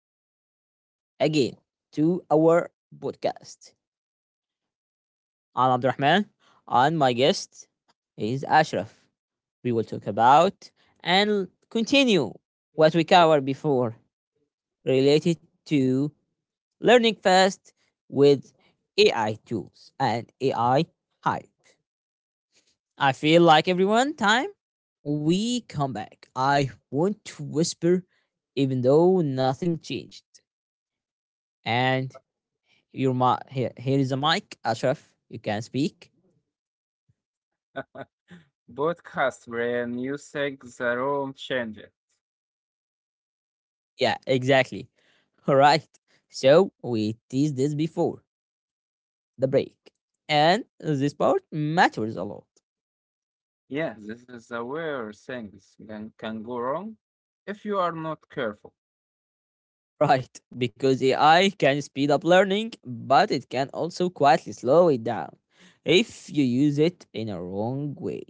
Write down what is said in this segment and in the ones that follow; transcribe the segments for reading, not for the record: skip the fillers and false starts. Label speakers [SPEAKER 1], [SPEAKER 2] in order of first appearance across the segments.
[SPEAKER 1] welcome back again to our podcast. I'm Abdurrahman, and my guest is Ashraf. We will talk about and continue what we covered before related to learning fast with AI tools and AI hype. I feel like everyone time we come back. I want to whisper even though nothing changed. And here, here is a mic, Ashraf. You can speak.
[SPEAKER 2] Podcast brain, you think the room changer?
[SPEAKER 1] Yeah, exactly. All right. So we teased this before the break, and this part matters a lot,
[SPEAKER 2] Yeah, this is the where things can go wrong if you are not careful.
[SPEAKER 1] right? Because AI can speed up learning, but it can also quietly slow it down if you use it in a wrong way.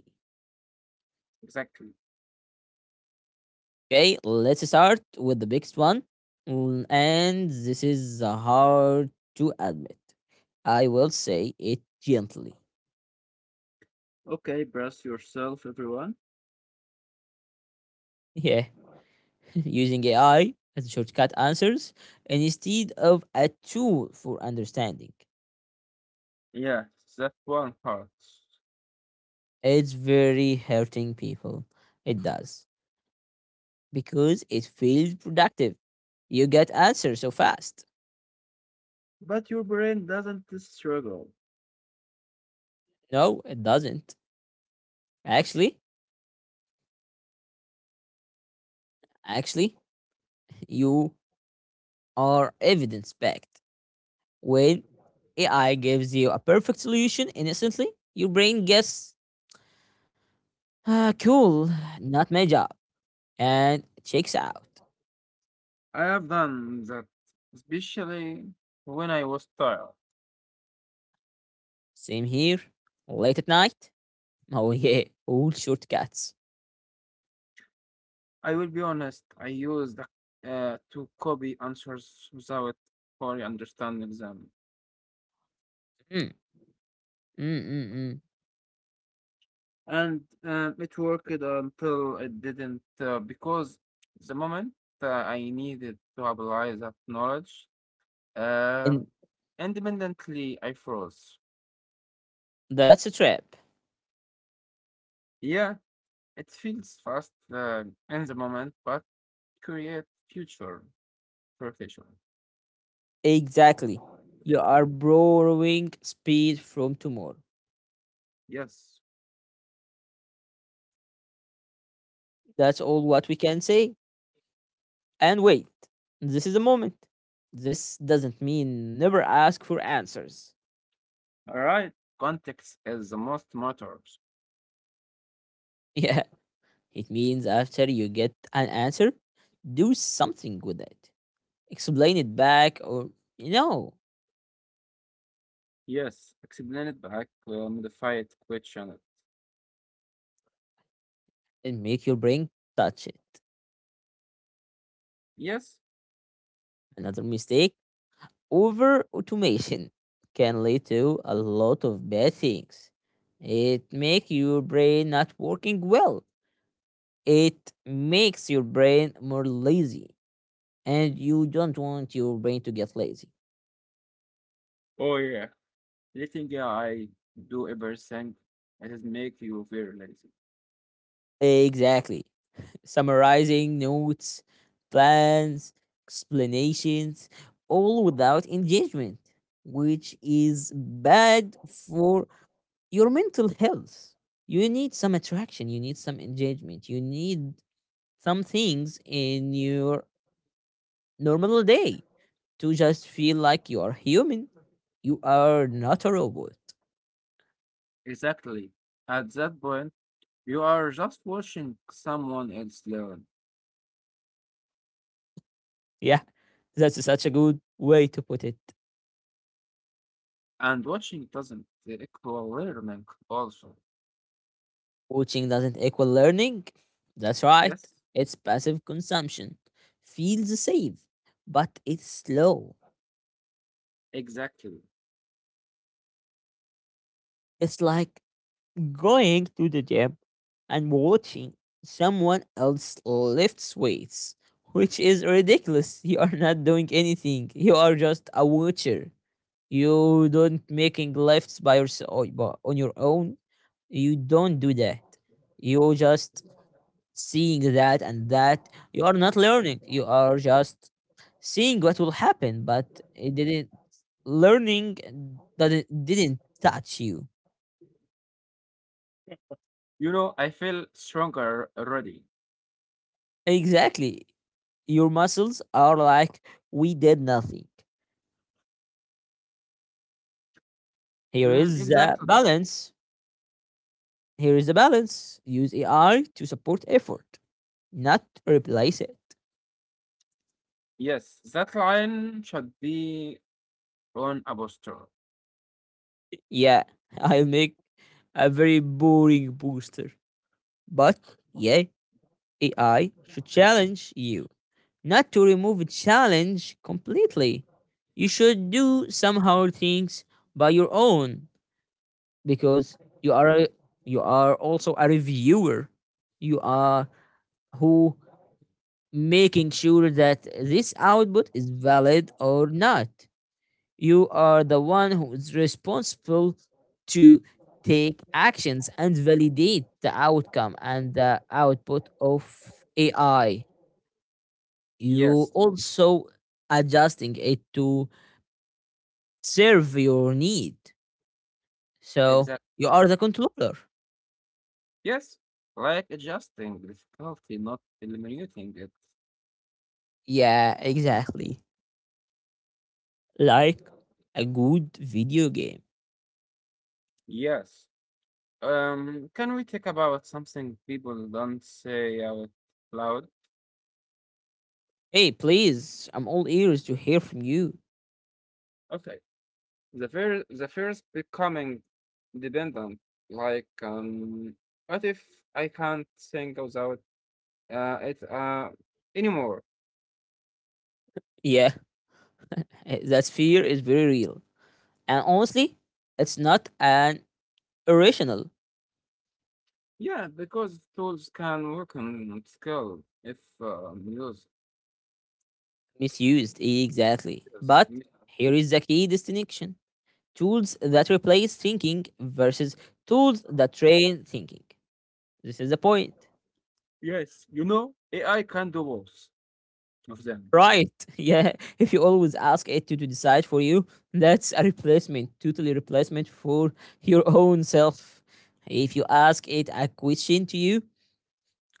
[SPEAKER 2] Exactly.
[SPEAKER 1] Okay, let's start with the biggest one, and this is hard to admit. I will say it gently.
[SPEAKER 2] Okay, brace yourself, everyone.
[SPEAKER 1] Yeah, using AI as a shortcut answers instead of a tool for understanding.
[SPEAKER 2] Yeah, that one hurts.
[SPEAKER 1] It's very hurting people. It does. Because it feels productive. You get answers so fast.
[SPEAKER 2] But your brain doesn't struggle.
[SPEAKER 1] No, it doesn't. Actually, actually, you are evidence backed. When AI gives you a perfect solution instantly, your brain gets ah, cool, not my job, and checks out.
[SPEAKER 2] I have done that, especially when I was tired.
[SPEAKER 1] Same here. Late at night. Oh yeah, all shortcuts.
[SPEAKER 2] I will be honest, I used to copy answers without fully understanding them.
[SPEAKER 1] Mm, mm, mm, mm.
[SPEAKER 2] And it worked until it didn't, because the moment I needed to apply that knowledge, um,
[SPEAKER 1] And
[SPEAKER 2] independently I froze.
[SPEAKER 1] that's a trap.
[SPEAKER 2] Yeah, it feels fast in the moment, but create future perfection.
[SPEAKER 1] Exactly. You are borrowing speed from tomorrow.
[SPEAKER 2] Yes.
[SPEAKER 1] That's all what we can say. And wait, this is the moment. This doesn't mean never ask for answers.
[SPEAKER 2] All right. Context is the most matters.
[SPEAKER 1] Yeah, it means after you get an answer, do something with it. Explain it back or, you know,
[SPEAKER 2] Yes. Explain it back. Modify it. Question it.
[SPEAKER 1] and make your brain touch it.
[SPEAKER 2] Yes.
[SPEAKER 1] Another mistake. Over automation can lead to a lot of bad things. It makes your brain not working well. It makes your brain more lazy. And you don't want your brain to get lazy.
[SPEAKER 2] Oh yeah. Letting I do everything it is make you very lazy.
[SPEAKER 1] Exactly. Summarizing notes, plans, explanations, all without engagement, which is bad for your mental health. You need some attraction, you need some engagement, you need some things in your normal day to just feel like you are human. You are not a robot.
[SPEAKER 2] Exactly. At that point, you are just watching someone else learn,
[SPEAKER 1] Yeah, that's such a good way to put it.
[SPEAKER 2] and watching doesn't equal learning. Also,
[SPEAKER 1] Watching doesn't equal learning. That's right.
[SPEAKER 2] yes,
[SPEAKER 1] It's passive consumption. Feels safe, but it's slow.
[SPEAKER 2] exactly.
[SPEAKER 1] It's like going to the gym and watching someone else lifts weights, which is ridiculous. You are not doing anything. You are just a watcher. You don't making lifts by yourself on your own. You don't do that. You just seeing that and that. You are not learning. You are just seeing what will happen, but it didn't learning that it didn't touch you.
[SPEAKER 2] You know, I feel stronger already.
[SPEAKER 1] Exactly. Your muscles are like we did nothing. Here
[SPEAKER 2] Mm,
[SPEAKER 1] is the
[SPEAKER 2] exactly.
[SPEAKER 1] balance. Here is the balance. Use AI to support effort, not replace it.
[SPEAKER 2] Yes, that line should be on a poster.
[SPEAKER 1] Yeah, I'll make a very boring booster. But yeah, AI should challenge you. Not to remove a challenge completely. You should do somehow things by your own because you are also a reviewer. You are who making sure that this output is valid or not. You are the one who is responsible to take actions and validate the outcome and the output of AI. You
[SPEAKER 2] Yes,
[SPEAKER 1] also adjusting it to serve your need. So
[SPEAKER 2] exactly.
[SPEAKER 1] you are the controller.
[SPEAKER 2] Yes, like adjusting difficulty, not eliminating it.
[SPEAKER 1] Yeah, exactly. Like a good video game.
[SPEAKER 2] Yes. Can we talk about something people don't say out loud?
[SPEAKER 1] Hey, please, I'm all ears to hear from you.
[SPEAKER 2] Okay. The fear is becoming dependent. Like, what if I can't think without it anymore?
[SPEAKER 1] Yeah, that fear is very real. And honestly, it's not an irrational,
[SPEAKER 2] Yeah, because tools can work on skill if used.
[SPEAKER 1] misused, exactly.
[SPEAKER 2] Yes,
[SPEAKER 1] But
[SPEAKER 2] y-
[SPEAKER 1] here is the key distinction, tools that replace thinking versus tools that train thinking. This is the point.
[SPEAKER 2] yes, you know, AI can do both of them.
[SPEAKER 1] Right, yeah. If you always ask it to decide for you, that's a replacement, totally replacement for your own self. If you ask it a question to you,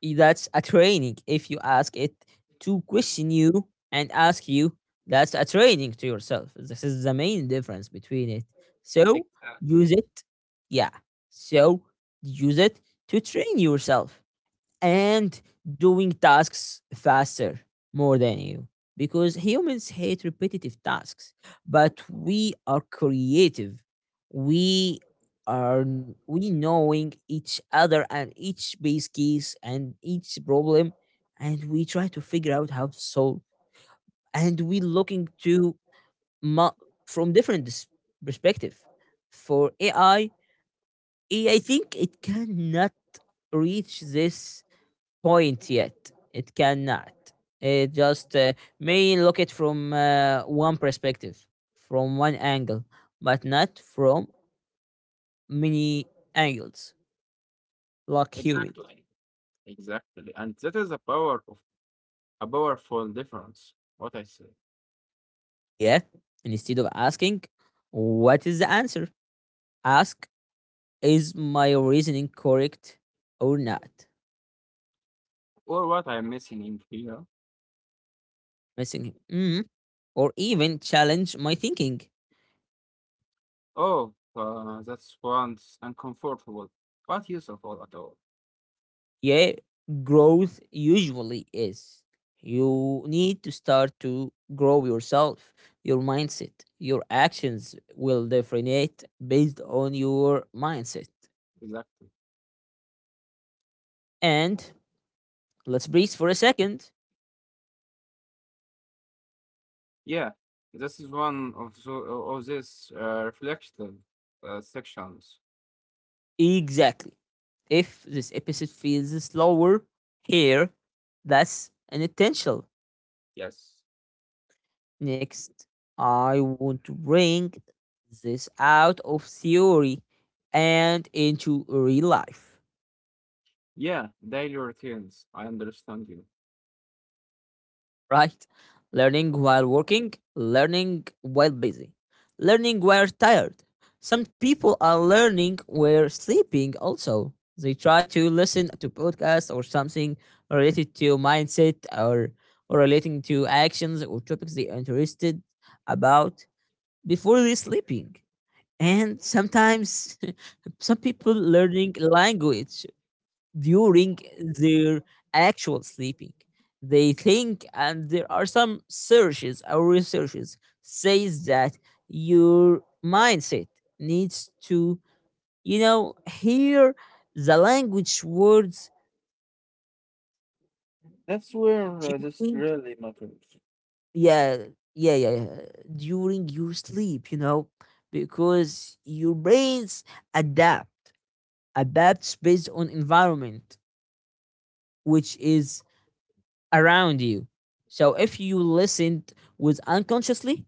[SPEAKER 1] that's a training if you ask it to question you and ask you, that's a training to yourself, this is the main difference between it. So use
[SPEAKER 2] Exactly.
[SPEAKER 1] it, yeah, so use it to train yourself and doing tasks faster more than you because humans hate repetitive tasks, but we are creative. We are n- we knowing each other and each base case and each problem, and we try to figure out how to solve, and we looking to mu- from different perspective. For AI, I think it cannot reach this point yet. It cannot. It just may look it from one perspective, from one angle, but not from many angles, like humans.
[SPEAKER 2] Exactly. Exactly. And that is the power of a powerful difference, what I say.
[SPEAKER 1] Yeah. And instead of asking, what is the answer? Ask, is my reasoning correct or not?
[SPEAKER 2] Or what I'm missing in here.
[SPEAKER 1] Missing, mm, or even challenge my thinking.
[SPEAKER 2] Oh, that's once uncomfortable, but useful at all.
[SPEAKER 1] Yeah, growth usually is you need to start to grow yourself. Your mindset, your actions will differentiate based on your mindset.
[SPEAKER 2] Exactly.
[SPEAKER 1] And let's breathe for a second.
[SPEAKER 2] Yeah, this is one of, of these reflective sections.
[SPEAKER 1] Exactly, if this episode feels slower here, that's an intentional.
[SPEAKER 2] Yes.
[SPEAKER 1] Next, I want to bring this out of theory and into real life.
[SPEAKER 2] Yeah, daily routines. I understand you.
[SPEAKER 1] Right? Learning while working, learning while busy, learning while tired. Some people are learning while sleeping also. They try to listen to podcasts or something related to mindset or relating to actions or topics they are interested about before they sleeping. And sometimes some people learning language during their actual sleeping. They think, and there are some searches or researches says that your mindset needs to, you know, hear the language words
[SPEAKER 2] That's where this
[SPEAKER 1] during,
[SPEAKER 2] really matters.
[SPEAKER 1] yeah, yeah, during your sleep, you know, because your brains adapt, adapts based on environment, which is around you. So if you listened with unconsciously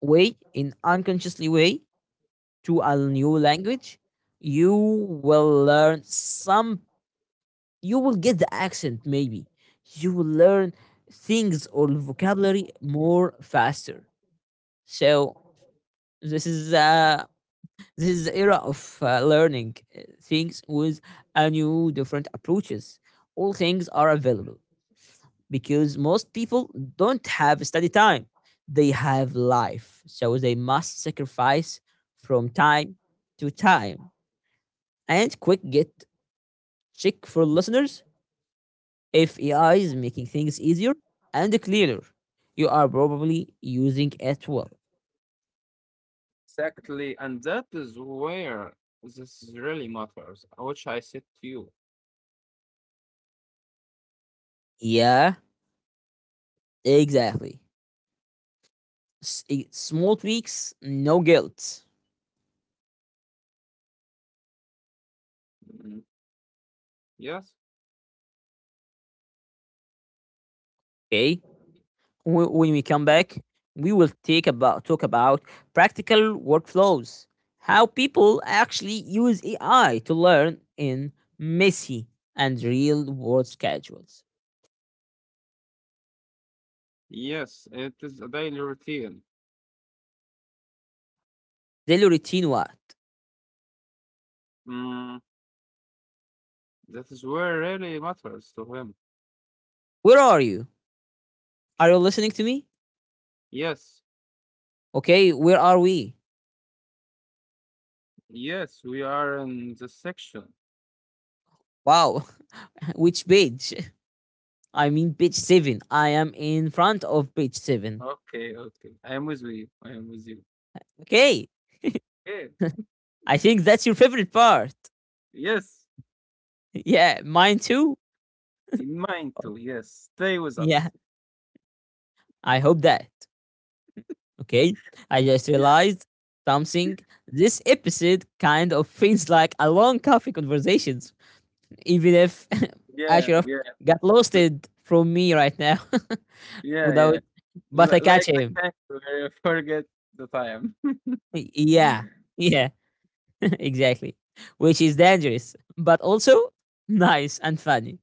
[SPEAKER 1] way, in unconsciously way to a new language, you will learn some, you will get the accent maybe. You will learn things or vocabulary more faster. So this is uh this is the era of learning things with a new different approaches. All things are available. Because most people don't have study time. They have life. So they must sacrifice from time to time. And quick get check for listeners, if AI is making things easier and clearer. You are probably using it well.
[SPEAKER 2] Exactly, and that is where this really matters, which I said to you.
[SPEAKER 1] Yeah, exactly. Small tweaks, no guilt.
[SPEAKER 2] Mhm. Yes.
[SPEAKER 1] Okay. When we come back, we will take about talk about practical workflows, how people actually use AI to learn in messy and real world schedules.
[SPEAKER 2] Yes, it is a daily routine.
[SPEAKER 1] Daily routine what?
[SPEAKER 2] Mm, that is where really matters to him.
[SPEAKER 1] Where are you? Are you listening to me?
[SPEAKER 2] Yes,
[SPEAKER 1] Okay, where are we?
[SPEAKER 2] yes, we are in the section.
[SPEAKER 1] Wow. Which page? I mean page 7. I am in front of page 7.
[SPEAKER 2] Okay, okay. I am with you. I am with you.
[SPEAKER 1] Okay.
[SPEAKER 2] Okay.
[SPEAKER 1] I think that's your favorite part.
[SPEAKER 2] Yes,
[SPEAKER 1] Yeah, mine too.
[SPEAKER 2] in mind too. Yes, stay with
[SPEAKER 1] Yeah,
[SPEAKER 2] us.
[SPEAKER 1] I hope that. Okay, I just
[SPEAKER 2] Yeah,
[SPEAKER 1] realized something. This episode kind of feels like a long coffee conversations, even if
[SPEAKER 2] yeah,
[SPEAKER 1] Ashraf
[SPEAKER 2] yeah,
[SPEAKER 1] got
[SPEAKER 2] l-
[SPEAKER 1] loosted from me right now
[SPEAKER 2] yeah,
[SPEAKER 1] without,
[SPEAKER 2] yeah.
[SPEAKER 1] but I catch
[SPEAKER 2] Like the
[SPEAKER 1] him.
[SPEAKER 2] cat, we forget the time.
[SPEAKER 1] Yeah, yeah, exactly. Which is dangerous, but also nice and funny.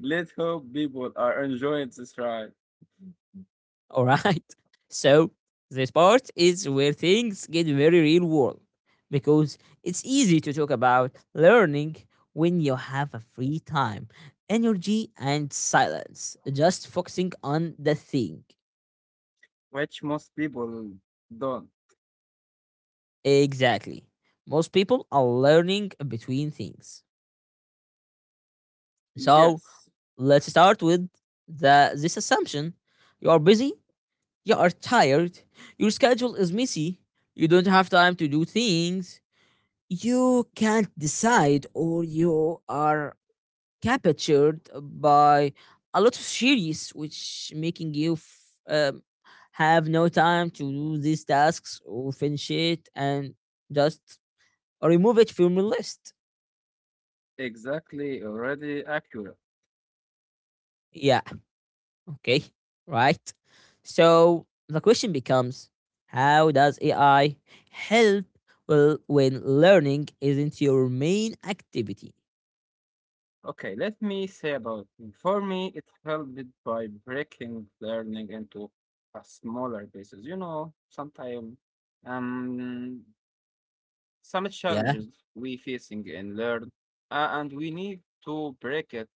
[SPEAKER 2] Let hope people are enjoying this ride,
[SPEAKER 1] All right. So this part is where things get very real world because it's easy to talk about learning when you have a free time, energy, and silence, just focusing on the thing.
[SPEAKER 2] which most people don't.
[SPEAKER 1] Exactly. Most people are learning between things. So
[SPEAKER 2] Yes,
[SPEAKER 1] let's start with the this assumption. You are busy, you are tired, your schedule is messy, you don't have time to do things, you can't decide or you are captured by a lot of series which making you um, have no time to do these tasks or finish it and just remove it from your list.
[SPEAKER 2] exactly. Already accurate.
[SPEAKER 1] Yeah, okay, right. So the question becomes, how does AI help well when learning isn't your main activity?
[SPEAKER 2] Okay, let me say about it. For me, it helped by breaking learning into a smaller pieces. You know, sometimes um, some
[SPEAKER 1] Yeah,
[SPEAKER 2] challenges we facing in learn, and we need to break it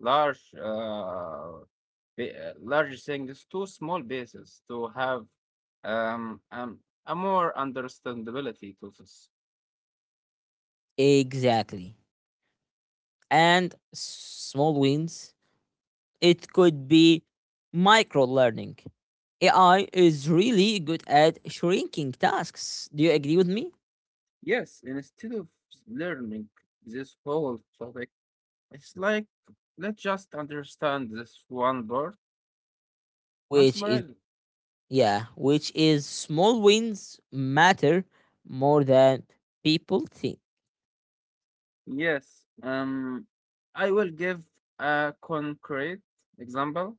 [SPEAKER 2] large, large things to small pieces to have um, um a more understandability to this.
[SPEAKER 1] exactly, and small wins. It could be micro learning. AI is really good at shrinking tasks. Do you agree with me?
[SPEAKER 2] Yes, instead of learning this whole topic, it's like, let's just understand this one part and
[SPEAKER 1] Which is,
[SPEAKER 2] smile.
[SPEAKER 1] yeah, which is small wins matter more than people think.
[SPEAKER 2] Yes, I will give a concrete example.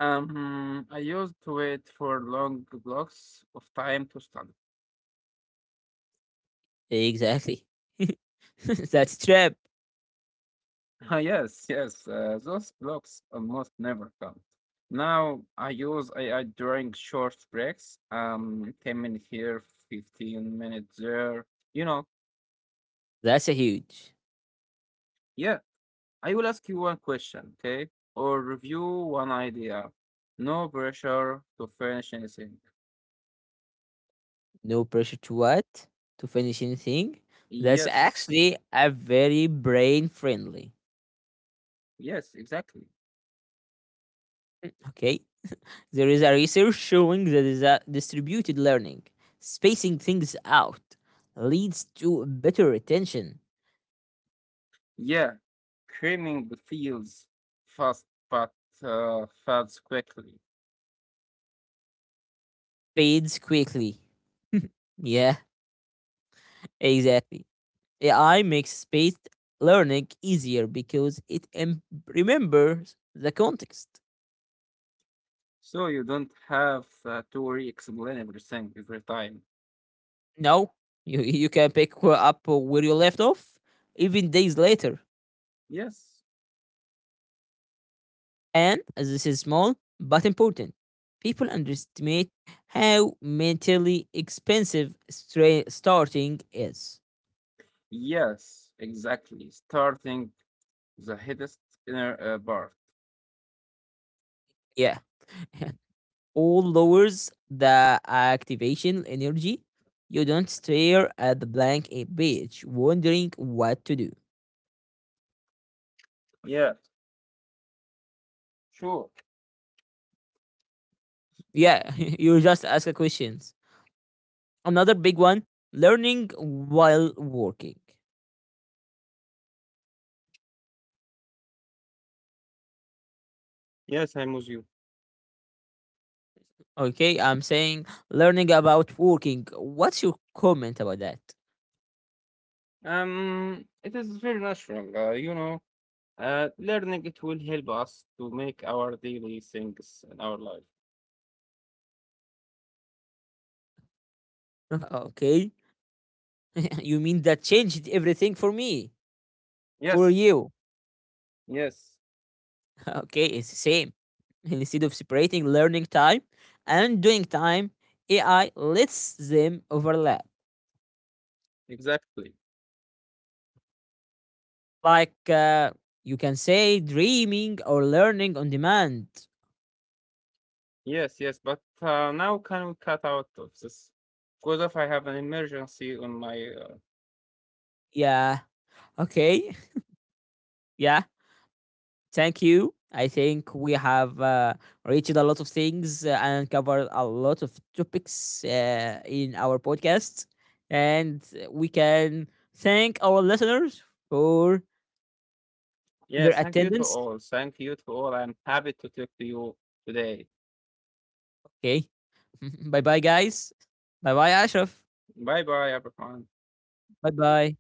[SPEAKER 2] I used to wait for long blocks of time to study.
[SPEAKER 1] Exactly. That's trap.
[SPEAKER 2] Ah, yes, yes, those blocks almost never come. Now I use AI during short breaks, 10 minutes here, 15 minutes there, you know.
[SPEAKER 1] That's a huge.
[SPEAKER 2] Yeah, I will ask you one question, okay? Or review one idea. No pressure to finish anything.
[SPEAKER 1] No pressure to what? To finish anything. That's
[SPEAKER 2] Yes,
[SPEAKER 1] actually a very brain friendly.
[SPEAKER 2] yes, exactly.
[SPEAKER 1] Okay. There is a research showing that distributed learning, spacing things out, leads to better retention,
[SPEAKER 2] Yeah, creaming feels fast but fades quickly.
[SPEAKER 1] fades quickly. Yeah, exactly. AI makes spaced learning easier because it remembers the context.
[SPEAKER 2] So you don't have to re-explain everything every time.
[SPEAKER 1] No, you can pick up where you left off even days later.
[SPEAKER 2] Yes,
[SPEAKER 1] And as this is small but important, people underestimate how mentally expensive starting is.
[SPEAKER 2] yes, exactly. Starting the hardest inner part.
[SPEAKER 1] Yeah. All lowers the activation energy. You don't stare at the blank page wondering what to do.
[SPEAKER 2] Yeah, sure.
[SPEAKER 1] Yeah, you just ask a questions. Another big one, learning while working.
[SPEAKER 2] Yes, I'm with you.
[SPEAKER 1] Okay, I'm saying learning about working. What's your comment about that?
[SPEAKER 2] It is very natural, you know. Learning it will help us to make our daily things in our life.
[SPEAKER 1] Okay. You mean that changed everything for me, for
[SPEAKER 2] Yes,
[SPEAKER 1] you.
[SPEAKER 2] yes,
[SPEAKER 1] Okay, it's the same. Instead of separating learning time and doing time, AI lets them overlap.
[SPEAKER 2] exactly.
[SPEAKER 1] Like you can say dreaming or learning on demand.
[SPEAKER 2] Yes, yes. But now can we cut out of this? Because if I have an emergency on my.
[SPEAKER 1] Yeah, okay, yeah. Thank you. I think we have reached a lot of things and covered a lot of topics in our podcast. And we can thank our listeners for their
[SPEAKER 2] Yes, thank you to
[SPEAKER 1] attendance.
[SPEAKER 2] all. Thank you to all. I'm happy to talk to you today.
[SPEAKER 1] Okay. Bye bye, guys. Bye bye, Ashraf.
[SPEAKER 2] Bye bye, everyone.
[SPEAKER 1] Bye bye.